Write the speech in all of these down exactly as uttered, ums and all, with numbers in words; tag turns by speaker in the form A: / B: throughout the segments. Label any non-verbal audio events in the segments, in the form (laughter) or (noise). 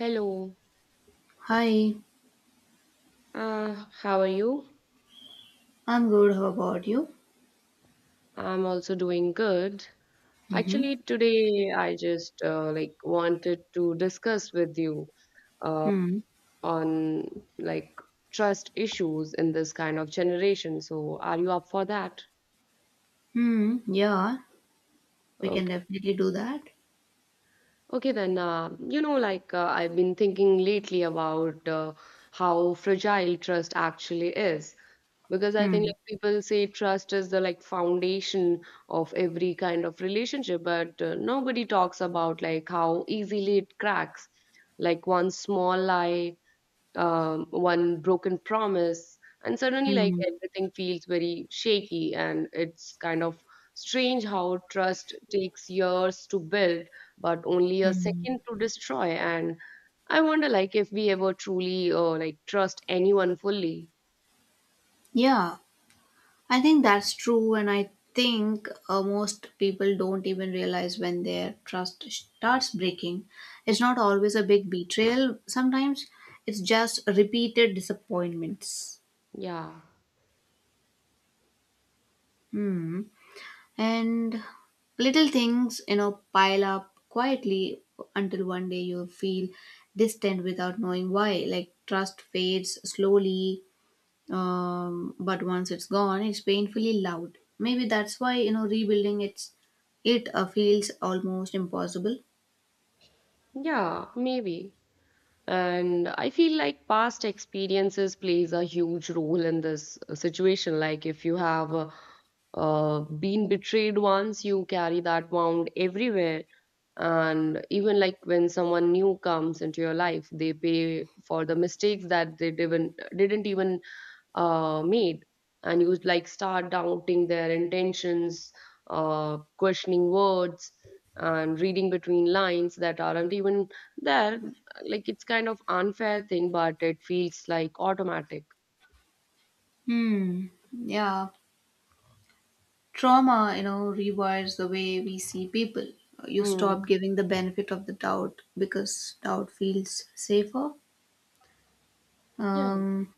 A: Hello,
B: Hi,
A: uh, how are you?
B: I'm good. How about you?
A: I'm also doing good.
B: Mm-hmm.
A: Actually, today I just uh, like wanted to discuss with you uh,
B: Mm.
A: on like trust issues in this kind of generation. So, are you up for that?
B: Mm. Yeah, we can
A: Okay.
B: definitely do that.
A: Okay, then, uh, you know, like uh, I've been thinking lately about uh, how fragile trust actually is. Because I think
B: Hmm.
A: like people say trust is the like foundation of every kind of relationship, but uh, nobody talks about like how easily it cracks. Like one small lie, um, one broken promise, and suddenly like
B: Hmm.
A: everything feels very shaky, and it's kind of strange how trust takes years to build but only a
B: Mm.
A: second to destroy. And I wonder like if we ever truly uh, like trust anyone fully.
B: Yeah, I think that's true, and I think uh, most people don't even realize when their trust starts breaking. It's not always a big betrayal. Sometimes it's just repeated disappointments.
A: Yeah,
B: Hmm. And little things, you know, pile up quietly until one day you feel distant without knowing why. Like trust fades slowly, um, but once it's gone, it's painfully loud. Maybe that's why, you know, rebuilding it's, it uh, feels almost impossible.
A: yeah, maybe. And I feel like past experiences plays a huge role in this uh, situation, like if you have uh, uh, been betrayed once, you carry that wound everywhere, and even like when someone new comes into your life, they pay for the mistakes that they didn't didn't even uh, made, and you like start doubting their intentions, uh, questioning words, and reading between lines that aren't even there. Like, it's kind of unfair thing, but it feels like automatic.
B: Hmm. Yeah. Trauma, you know, rewires the way we see people. You
A: Mm.
B: stop giving the benefit of the doubt because doubt feels safer.
A: Yeah.
B: Um,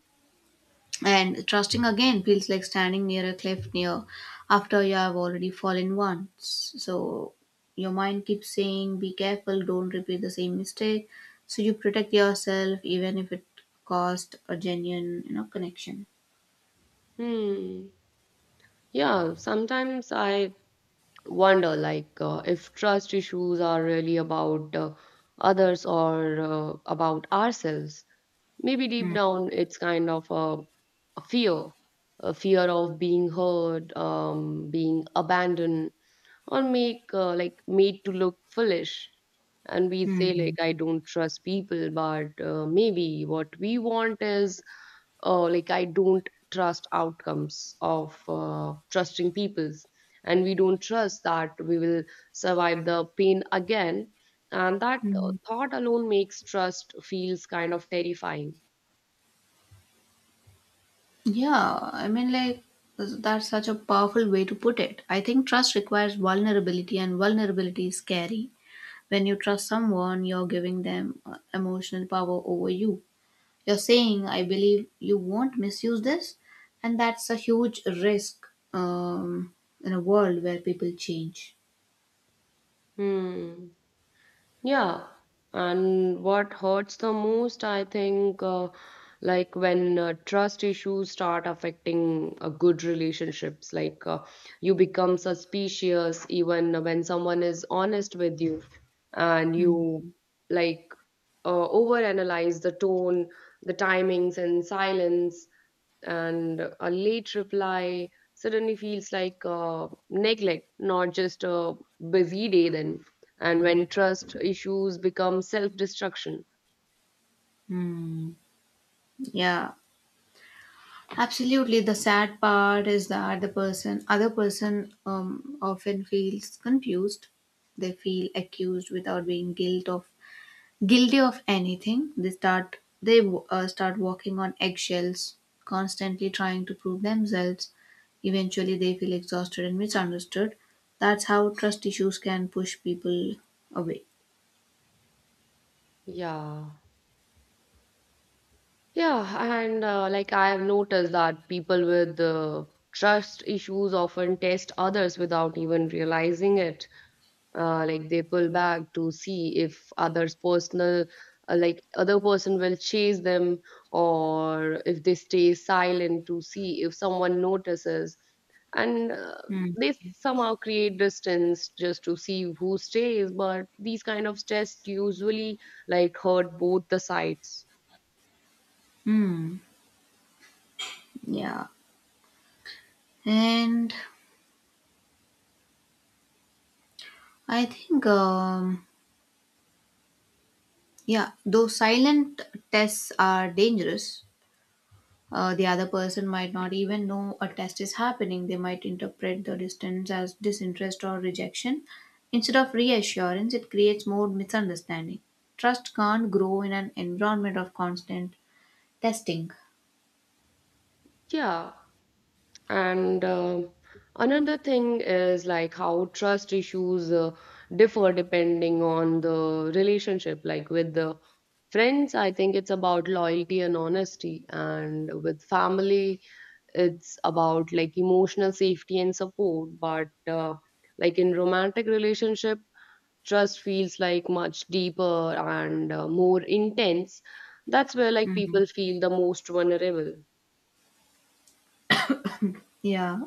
B: And trusting again feels like standing near a cliff near after you have already fallen once. So your mind keeps saying, be careful, don't repeat the same mistake. So you protect yourself even if it cost a genuine, you know, connection.
A: Hmm. Yeah. Sometimes I wonder, like, uh, if trust issues are really about uh, others, or uh, about ourselves. Maybe deep
B: Hmm.
A: down, it's kind of a, a fear, a fear of being heard, um, being abandoned, or make uh, like made to look foolish. And we say
B: Hmm.
A: like, I don't trust people, but uh, maybe what we want is uh, like, I don't trust outcomes of uh, trusting people's, and we don't trust that we will survive the pain again. And that uh,
B: Hmm.
A: thought alone makes trust feels kind of terrifying.
B: Yeah, I mean, like, that's such a powerful way to put it. I think trust requires vulnerability, and vulnerability is scary. When you trust someone, you're giving them uh, emotional power over you. You're saying, I believe you won't misuse this, and that's a huge risk um, in a world where people change.
A: Hmm. Yeah. And what hurts the most, I think, uh, like when uh, trust issues start affecting uh, good relationships, like uh, you become suspicious even when someone is honest with you, and
B: Hmm.
A: you like uh, overanalyze the tone, the timings, and silence, and a late reply suddenly feels like uh, neglect, not just a busy day then, and when trust issues become self destruction.
B: Hmm. Yeah, absolutely. The sad part is that the person, other person, um, often feels confused. They feel accused without being guilt of guilty of anything they start they uh, start walking on eggshells, constantly trying to prove themselves. Eventually they feel exhausted and misunderstood. That's how trust issues can push people away.
A: Yeah. Yeah, and uh, like I have noticed that people with uh, trust issues often test others without even realizing it. Uh, like they pull back to see if others' personal, uh, like other person will chase them, or if they stay silent to see if someone notices. And uh,
B: Hmm.
A: they somehow create distance just to see who stays. But these kind of tests usually like hurt both the sides.
B: Hmm. Yeah. And I think, um, yeah, those silent tests are dangerous. Uh, the other person might not even know a test is happening. They might interpret the distance as disinterest or rejection. Instead of reassurance, it creates more misunderstanding. Trust can't grow in an environment of constant testing.
A: Yeah. And um another thing is like how trust issues uh, differ depending on the relationship. Like with the friends, I think it's about loyalty and honesty. And with family, it's about like emotional safety and support. But uh, like in romantic relationship, trust feels like much deeper and uh, more intense. That's where like
B: Hmm.
A: people feel the most vulnerable.
B: Yeah,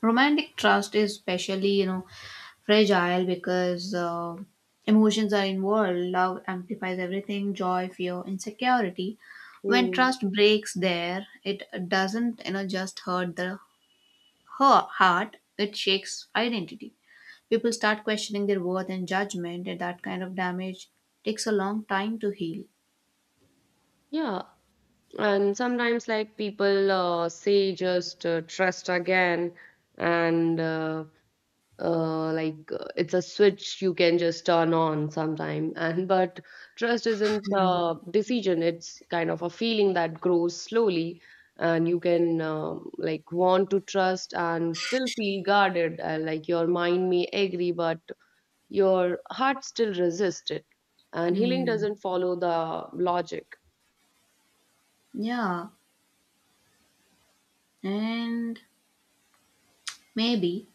B: romantic trust is especially, you know, fragile because uh, emotions are involved. Love amplifies everything: joy, fear, insecurity. When
A: Hmm.
B: trust breaks, there it doesn't, you know, just hurt the her heart, it shakes identity. People start questioning their worth and judgment, and that kind of damage takes a long time to heal.
A: Yeah. And sometimes, like, people uh, say just uh, trust again, and uh, uh, like uh, it's a switch you can just turn on sometime. (laughs) And but trust isn't a decision, it's kind of a feeling that grows slowly, and you can um like want to trust and still feel guarded. Uh, like, your mind may agree, but your heart still resists it. And healing
B: Hmm.
A: doesn't follow the logic.
B: Yeah, and maybe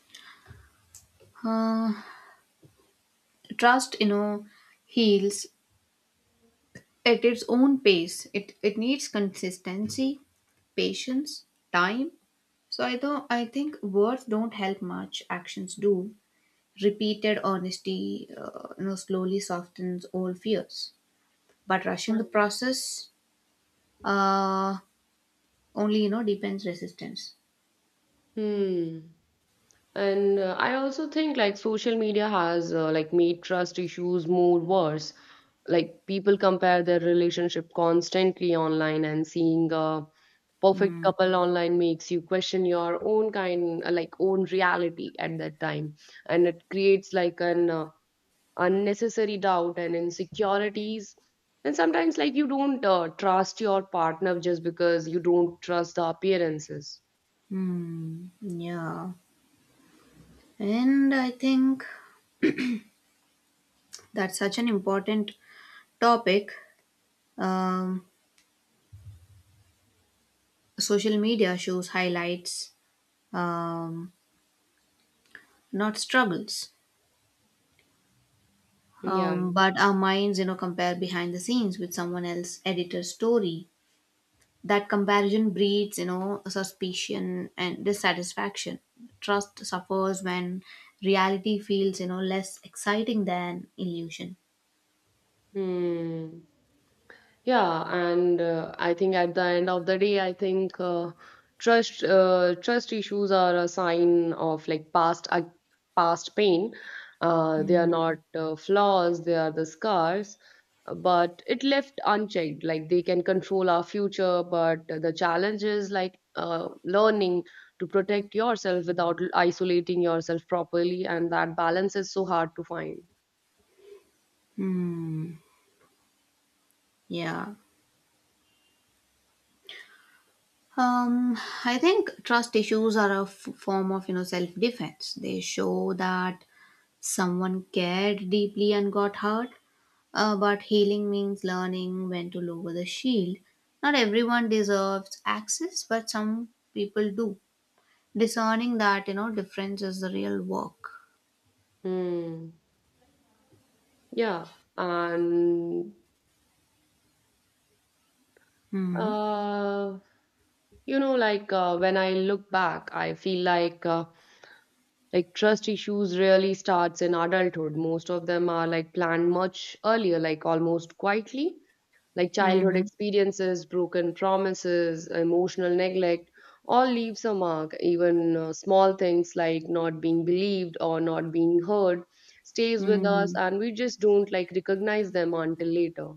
B: uh, trust, you know, heals at its own pace. It it needs consistency, patience, time. So I don't. I think words don't help much. Actions do. Repeated honesty, uh, you know, slowly softens all fears, but
A: Yeah.
B: rushing the process uh, only, you know, deepens resistance.
A: Hmm. And uh, I also think like social media has uh, like made trust issues more worse. Like people compare their relationship constantly online, and seeing a perfect
B: Hmm.
A: couple online makes you question your own kind, uh, like own reality at that time, and it creates like an uh, unnecessary doubt and insecurities. And sometimes like you don't uh, trust your partner just because you don't trust the appearances.
B: Hmm. Yeah. And I think that's such an important topic. um, Social media shows highlights, um, not struggles,
A: Yeah.
B: um, but our minds, you know, compare behind the scenes with someone else editor's story. That comparison breeds, you know, suspicion and dissatisfaction. Trust suffers when reality feels, you know, less exciting than illusion.
A: Hmm. Yeah, and uh, I think at the end of the day, I think uh, trust uh, trust issues are a sign of like past uh, past pain. Uh, they are
B: Hmm.
A: not uh, flaws; they are the scars. But it left unchecked. Like they can control our future, but the challenge is like uh, learning to protect yourself without isolating yourself properly, and that balance is so hard to find.
B: Hmm. Yeah. Um, I think trust issues are a f- form of, you know, self defense. They show that someone cared deeply and got hurt. Uh, but healing means learning when to lower the shield. Not everyone deserves access, but some people do. Discerning that, you know, difference is the real work.
A: Mm, yeah, and
B: Hmm.
A: uh, you know, like uh, when I look back, I feel like uh, like trust issues really starts in adulthood. Most of them are like planned much earlier, like almost quietly. Like childhood
B: Hmm.
A: experiences, broken promises, emotional neglect, all leaves a mark. Even uh, small things like not being believed or not being heard stays with us,
B: Hmm.
A: and we just don't like recognize them until later.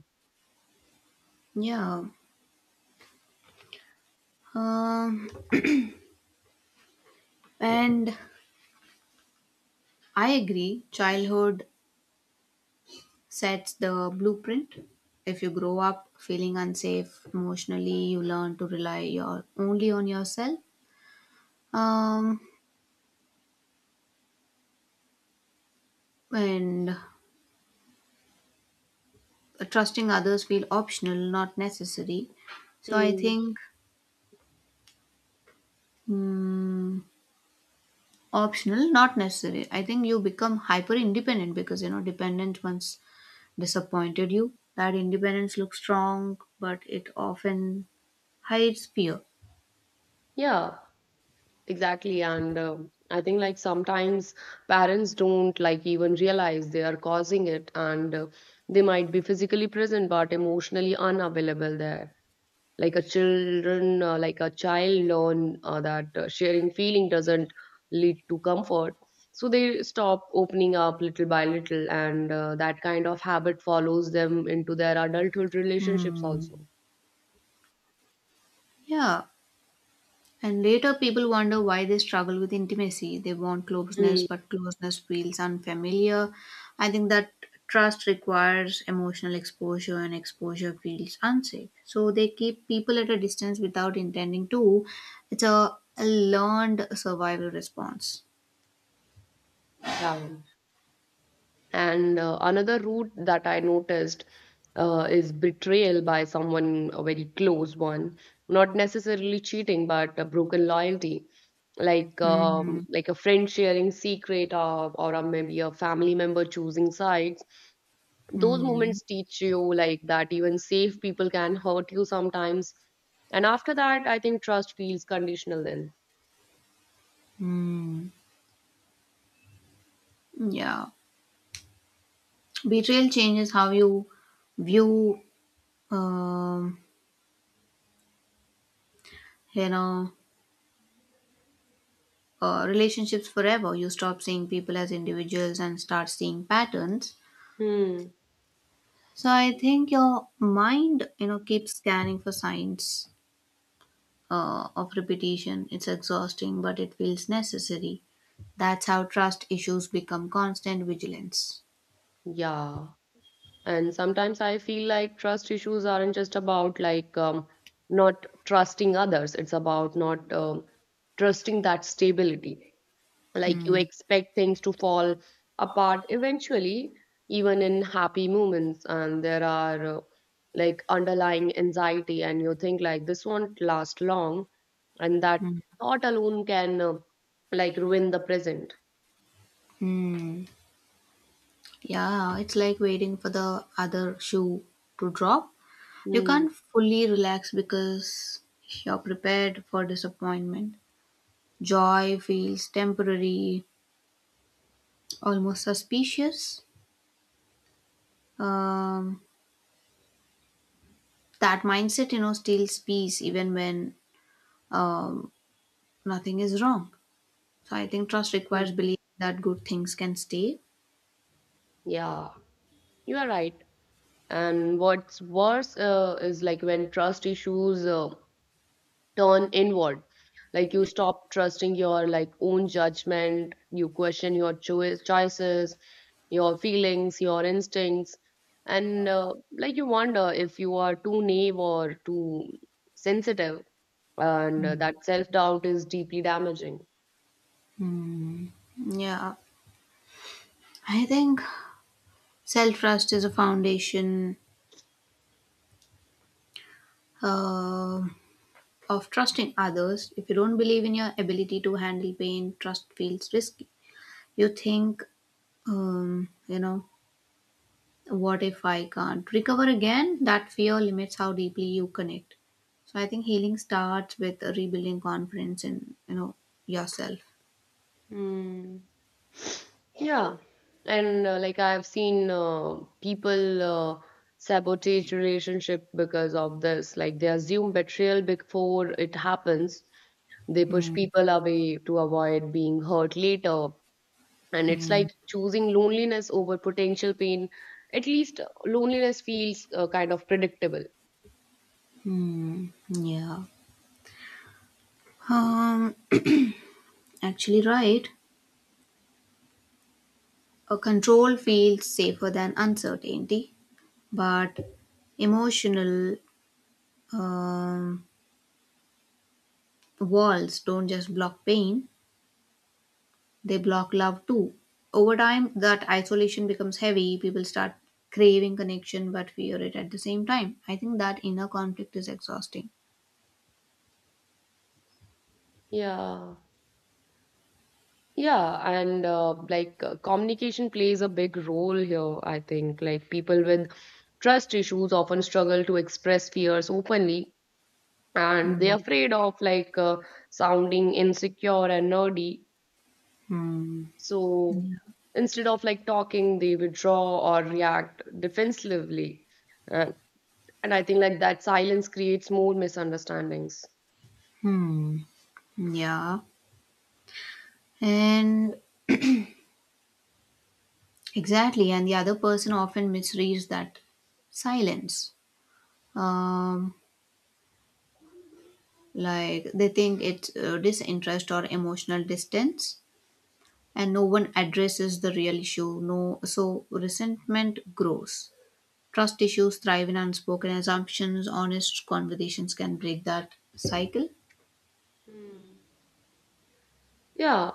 B: Yeah. Um, and I agree, childhood sets the blueprint. If you grow up feeling unsafe emotionally, you learn to rely your only on yourself. Um, and trusting others feel optional, not necessary. So I
A: Mm.
B: think, mm, optional, not necessary. I think you become hyper independent because, you know, dependent once disappointed you. That independence looks strong, but it often hides fear.
A: Yeah, exactly. And um I think like sometimes parents don't like even realize they are causing it, and uh, they might be physically present but emotionally unavailable there. Like a children uh, like a child learn uh, that uh, sharing feeling doesn't lead to comfort, so they stop opening up little by little, and uh, that kind of habit follows them into their adulthood relationships
B: Hmm.
A: also.
B: Yeah. And later, people wonder why they struggle with intimacy. They want closeness,
A: Mm.
B: but closeness feels unfamiliar. I think that trust requires emotional exposure, and exposure feels unsafe. So they keep people at a distance without intending to. It's a, a learned survival response.
A: Yeah. And uh, another route that I noticed uh, is betrayal by someone, a very close one, not necessarily cheating, but a broken loyalty, like um,
B: Hmm.
A: like a friend sharing secret, or, or a, maybe a family member choosing sides. Those
B: Hmm.
A: moments teach you like that even safe people can hurt you sometimes. And after that, I think trust feels conditional then.
B: Hmm. Yeah. Betrayal changes how you view, um, you know, uh, relationships forever. You stop seeing people as individuals and start seeing patterns.
A: Hmm.
B: So I think your mind, you know, keeps scanning for signs uh, of repetition. It's exhausting, but it feels necessary. That's how trust issues become constant vigilance.
A: Yeah. And sometimes I feel like trust issues aren't just about like um, not trusting others, it's about not um, trusting that stability. Like, you
B: Hmm.
A: expect things to fall apart eventually, even in happy moments, and there are uh, like underlying anxiety, and you think like this won't last long, and that thought alone can uh, like ruin the present.
B: Hmm. Yeah, it's like waiting for the other shoe to drop. You
A: Mm.
B: can't fully relax because you're prepared for disappointment. Joy feels temporary, almost suspicious. Um, that mindset, you know, steals peace even when, um, nothing is wrong. So I think trust requires belief that good things can stay.
A: Yeah, you are right. And what's worse uh, is like when trust issues uh, turn inward. Like, you stop trusting your like own judgment, you question your choice choices, your feelings, your instincts, and uh, like you wonder if you are too naive or too sensitive, and uh, that self doubt is deeply damaging.
B: Hmm. Yeah, I think self trust is a foundation uh, of trusting others. If you don't believe in your ability to handle pain, trust feels risky. You think, um, you know, what if I can't recover again? That fear limits how deeply you connect. So I think healing starts with rebuilding confidence in, you know, yourself.
A: Hmm. Yeah, and uh, like I've seen uh, people uh, sabotage relationship because of this. Like they assume betrayal before it happens. They push people away to avoid being hurt later, and it's like choosing loneliness over potential pain. At least loneliness feels uh, kind of predictable.
B: Hmm. Yeah. Um. Actually, right. A control feels safer than uncertainty, but emotional um, walls don't just block pain; they block love too. Over time, that isolation becomes heavy. People start craving connection but fear it at the same time. I think that inner conflict is exhausting.
A: Yeah. Yeah, and uh, like uh, communication plays a big role here, I think. Like people with trust issues often struggle to express fears openly, and
B: Hmm.
A: they're afraid of like uh, sounding insecure and nerdy.
B: Hmm.
A: So instead of like talking, they withdraw or react defensively. And, and I think like that silence creates more misunderstandings.
B: Hmm. Yeah. And exactly. And the other person often misreads that silence. Um, like they think it's uh, disinterest or emotional distance, and no one addresses the real issue. No, so resentment grows. Trust issues thrive in unspoken assumptions. Honest conversations can break that cycle.
A: Yeah,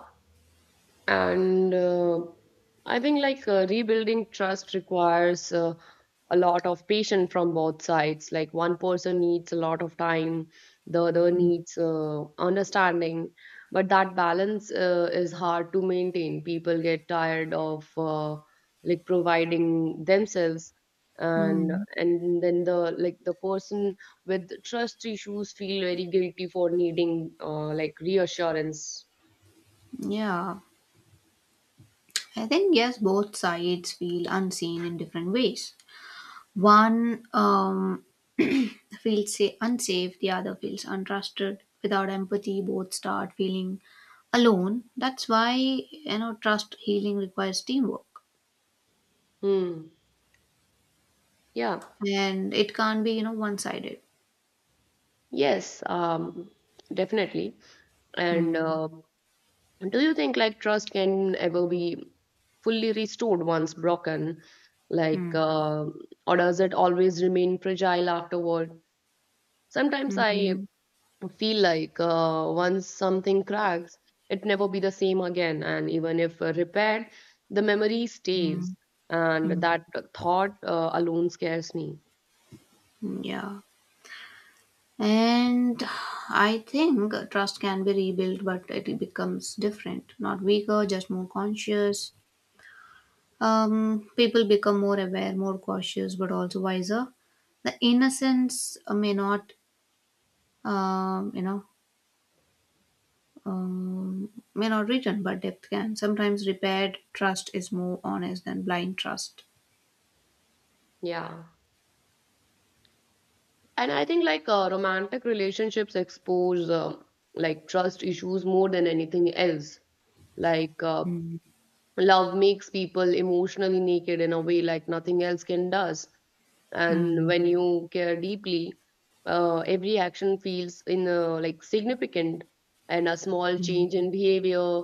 A: and uh, I think like uh, rebuilding trust requires uh, a lot of patience from both sides. Like, one person needs a lot of time, the other needs uh, understanding, but that balance uh, is hard to maintain. People get tired of uh, like providing themselves, and
B: Hmm.
A: and then the like the person with trust issues feel very guilty for needing uh, like reassurance.
B: Yeah, I think yes, both sides feel unseen in different ways. One um, feels sa- unsafe, the other feels untrusted. Without empathy, both start feeling alone. That's why, you know, trust healing requires teamwork,
A: Hmm. Yeah.
B: and it can't be, you know, one-sided.
A: Yes, um, definitely. And
B: Hmm.
A: uh, do you think like trust can ever be fully restored once broken? Like,
B: Hmm.
A: uh, or does it always remain fragile afterward? Sometimes I
B: Mhm.
A: feel like uh, once something cracks, it never be the same again. And even if uh, repaired, the memory
B: Hmm.
A: stays. And
B: Hmm.
A: that thought uh, alone scares me.
B: Yeah. And I think trust can be rebuilt, but it becomes different, not weaker, just more conscious. Um, people become more aware, more cautious, but also wiser. The innocence uh, may not, um, you know, um, may not return, but depth can. Sometimes repaired trust is more honest than blind trust.
A: Yeah. And I think like uh, romantic relationships expose uh, like trust issues more than anything else. Like uh, love makes people emotionally naked in a way like nothing else can does. And when you care deeply, uh, every action feels in uh, like significant, and a small change in behavior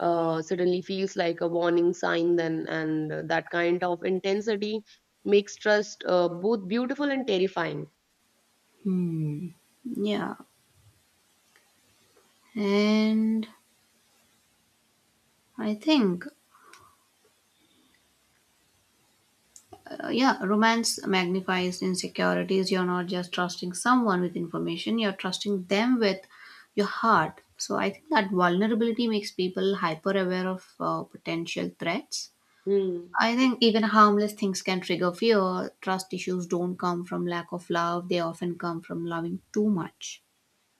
A: uh, suddenly feels like a warning sign. Then, and that kind of intensity makes trust uh, both beautiful and terrifying.
B: Yeah. And I think, Uh, yeah, romance magnifies insecurities. You're not just trusting someone with information, you're trusting them with your heart. So I think that vulnerability makes people hyper aware of uh, potential threats.
A: Hmm.
B: I think even harmless things can trigger fear. Trust issues don't come from lack of love, they often come from loving too much.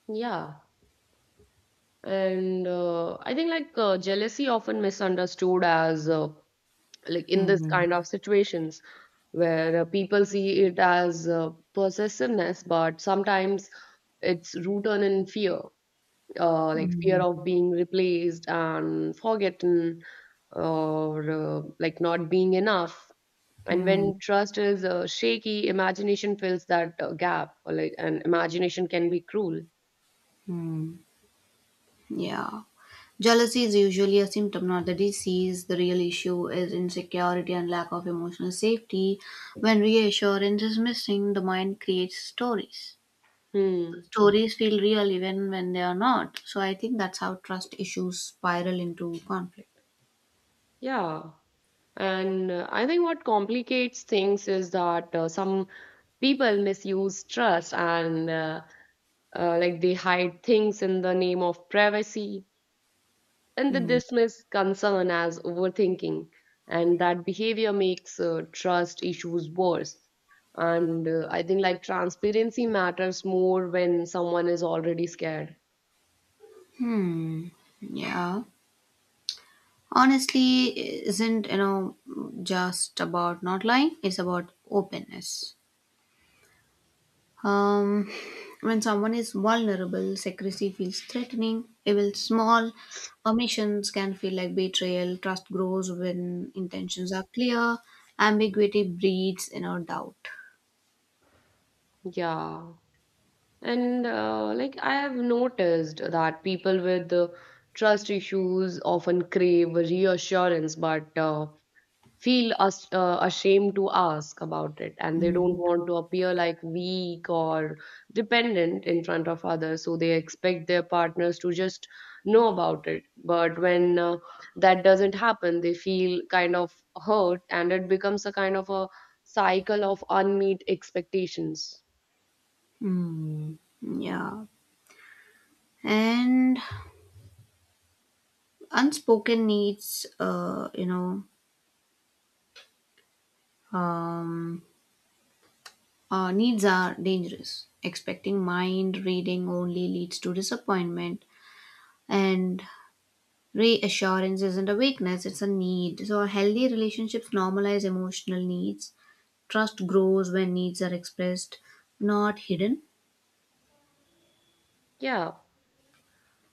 A: Yeah, and uh, I think like uh, jealousy often misunderstood as uh, like in this
B: Hmm.
A: kind of situations where uh, people see it as uh, possessiveness, but sometimes it's rooted in fear, uh, like fear
B: Hmm.
A: of being replaced and forgotten, or uh, like not being enough. And
B: Hmm.
A: when trust is uh, shaky, imagination fills that uh, gap, or like, and imagination can be cruel.
B: Hmm. Yeah. Jealousy is usually a symptom, not the disease. The real issue is insecurity and lack of emotional safety. When reassurance is missing, the mind creates stories.
A: Hmm.
B: Stories feel real even when they are not. So I think that's how trust issues spiral into conflict.
A: Yeah. And uh, I think what complicates things is that uh, some people misuse trust, and uh, uh, like they hide things in the name of privacy, and they
B: Hmm.
A: dismiss concern as overthinking. And that behavior makes uh, trust issues worse. And uh, I think like transparency matters more when someone is already scared.
B: Hmm. Yeah. Honestly, isn't, you know, just about not lying. It's about openness. Um, when someone is vulnerable, secrecy feels threatening. Even small omissions can feel like betrayal. Trust grows when intentions are clear. Ambiguity breeds, you know, doubt.
A: Yeah. And uh, like I have noticed that people with uh, trust issues often crave reassurance, but uh, feel us uh, ashamed to ask about it, and they
B: Mm.
A: don't want to appear like weak or dependent in front of others. So they expect their partners to just know about it. But when uh, that doesn't happen, they feel kind of hurt, and it becomes a kind of a cycle of unmet expectations.
B: Mm. Yeah. And unspoken needs, uh, you know, um, uh, needs are dangerous. Expecting mind reading only leads to disappointment. And reassurance isn't a weakness, it's a need. So healthy relationships normalize emotional needs. Trust grows when needs are expressed, not hidden.
A: Yeah.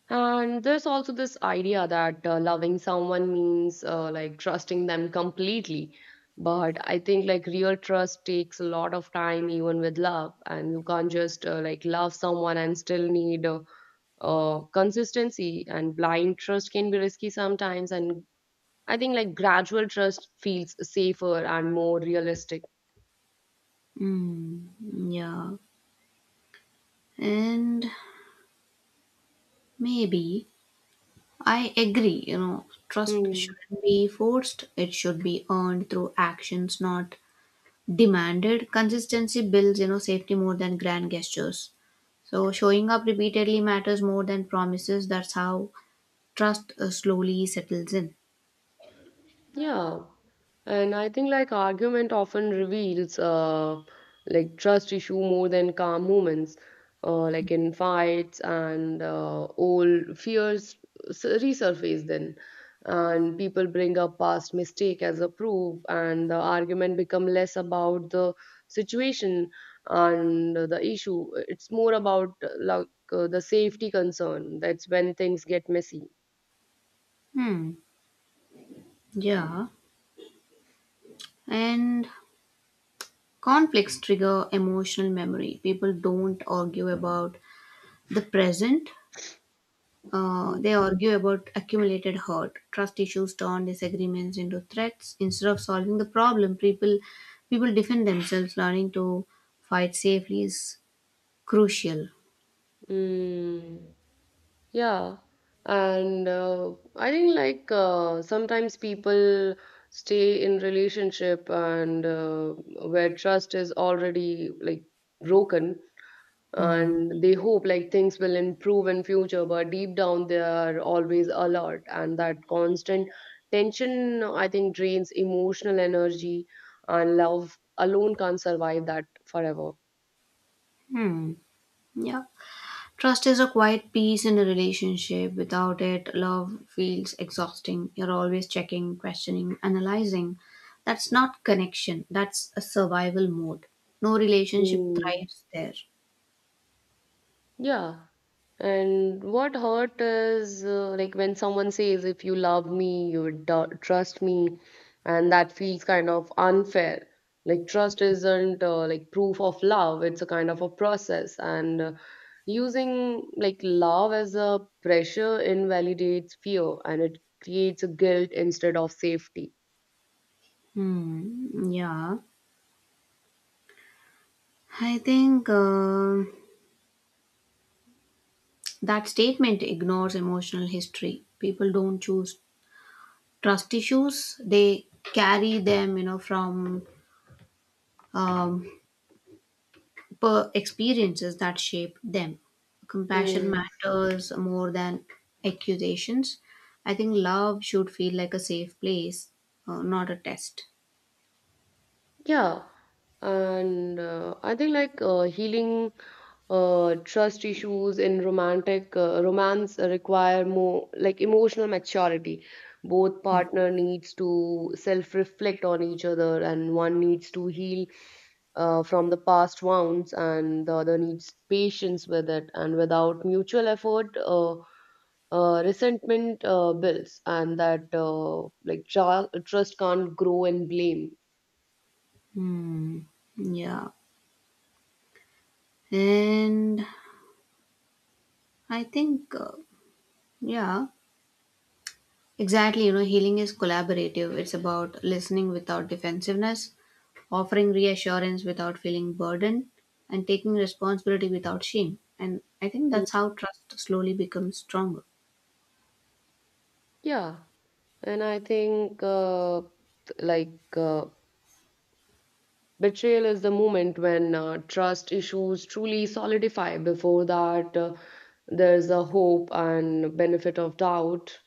A: And there's also this idea that uh, loving someone means uh, like trusting them completely. But I think like real trust takes a lot of time, even with love. And you can't just uh, like love someone and still need uh, uh, consistency. And blind trust can be risky sometimes. And I think like gradual trust feels safer and more realistic.
B: Mm, yeah. And maybe I agree, you know, trust
A: Hmm.
B: shouldn't be forced, it should be earned through actions, not demanded. Consistency builds, you know, safety more than grand gestures. So, showing up repeatedly matters more than promises. That's how trust uh, slowly settles in.
A: Yeah, and I think like argument often reveals uh like trust issue more than calm moments, uh like in fights, and uh, old fears s- resurface then, and people bring up past mistake as a proof, and the argument become less about the situation and the issue. It's more about uh, like uh, the safety concern. That's when things get messy.
B: Hmm. Yeah, and conflicts trigger emotional memory. People don't argue about the present, uh, they argue about accumulated hurt. Trust issues turn disagreements into threats. Instead of solving the problem, people people defend themselves. Learning to fight safely is crucial.
A: Mm. Yeah, and uh, I think like uh, sometimes people stay in relationship and uh, where trust is already like broken,
B: Hmm.
A: and they hope like things will improve in future, but deep down they are always alert, and that constant tension, I think, drains emotional energy, and love alone can't survive that forever.
B: Hmm. Yeah. Trust is a quiet piece in a relationship. Without it, love feels exhausting. You're always checking, questioning, analyzing. That's not connection, that's a survival mode. No relationship thrives there.
A: Yeah. And what hurt is uh, like when someone says, if you love me, you would du- trust me. And that feels kind of unfair. Like, trust isn't uh, like proof of love, it's a kind of a process. And uh, using like love as a pressure invalidates fear, and it creates a guilt instead of safety.
B: Hmm, yeah. I think uh, that statement ignores emotional history. People don't choose trust issues; they carry them, you know, from um, per experiences that shaped them. Compassion matters more than accusations. I think love should feel like a safe place, uh, not a test.
A: Yeah, and uh, I think like uh, healing uh, trust issues in romantic uh, romance require more like emotional maturity. Both partner needs to self-reflect on each other, and one needs to heal uh, from the past wounds, and the other needs patience with it. And without mutual effort, uh, uh, resentment uh, builds, and that uh, like tr trust can't grow in blame.
B: Hmm. Yeah. And I think, uh, yeah, exactly. You know, healing is collaborative. It's about listening without defensiveness, offering reassurance without feeling burdened, and taking responsibility without shame. And I think
A: Mm.
B: that's how trust slowly becomes stronger.
A: Yeah. And I think, uh, like, uh, betrayal is the moment when uh, trust issues truly solidify. Before that, uh, there's a hope and benefit of doubt.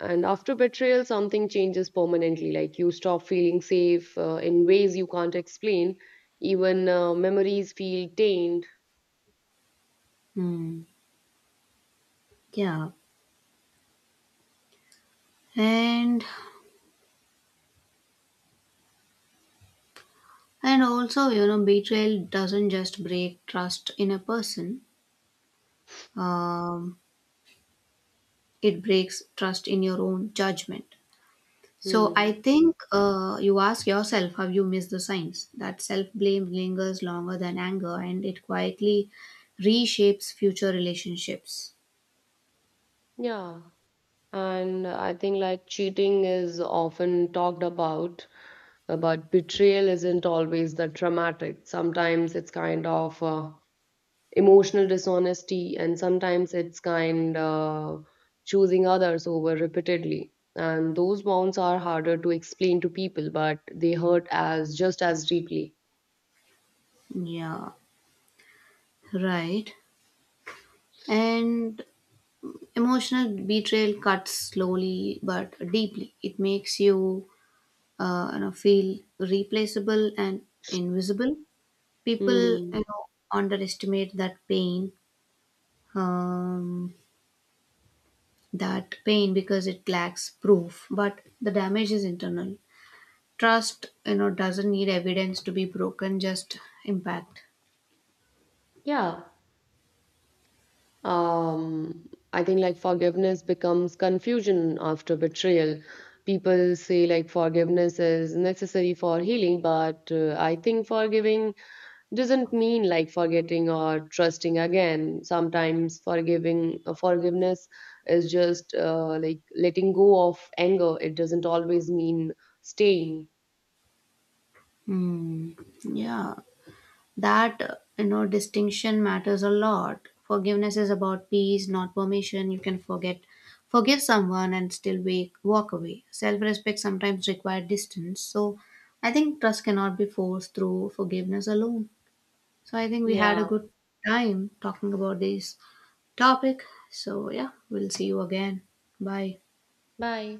A: And after betrayal, something changes permanently. Like, you stop feeling safe uh, in ways you can't explain. Even uh, memories feel tainted.
B: Hmm. Yeah. And and also, you know, betrayal doesn't just break trust in a person. Um, it breaks trust in your own judgment. So
A: Hmm.
B: I think uh, you ask yourself, have you missed the signs? That self-blame lingers longer than anger, and it quietly reshapes future relationships.
A: Yeah. And I think, like, cheating is often talked about. Uh, But betrayal isn't always that dramatic. Sometimes it's kind of uh, emotional dishonesty, and sometimes it's kind uh, choosing others over repeatedly. And those wounds are harder to explain to people, but they hurt as just as deeply.
B: Yeah, right. And emotional betrayal cuts slowly but deeply. It makes you uh, you know, feel replaceable and invisible. People,
A: Hmm.
B: you know, underestimate that pain, um, that pain because it lacks proof, but the damage is internal. Trust, you know, doesn't need evidence to be broken, just impact.
A: Yeah. Um, I think like forgiveness becomes confusion after betrayal. People say like forgiveness is necessary for healing, but uh, I think forgiving doesn't mean like forgetting or trusting again. Sometimes forgiving uh, forgiveness is just uh, like letting go of anger. It doesn't always mean staying.
B: Hmm. Yeah, that, you know, distinction matters a lot. Forgiveness is about peace, not permission. You can forget forgive someone and still wake, walk away. Self-respect sometimes require distance. So I think trust cannot be forced through forgiveness alone. So I think we had a
A: Yeah.
B: good time talking about this topic. So yeah, we'll see you again. Bye.
A: Bye.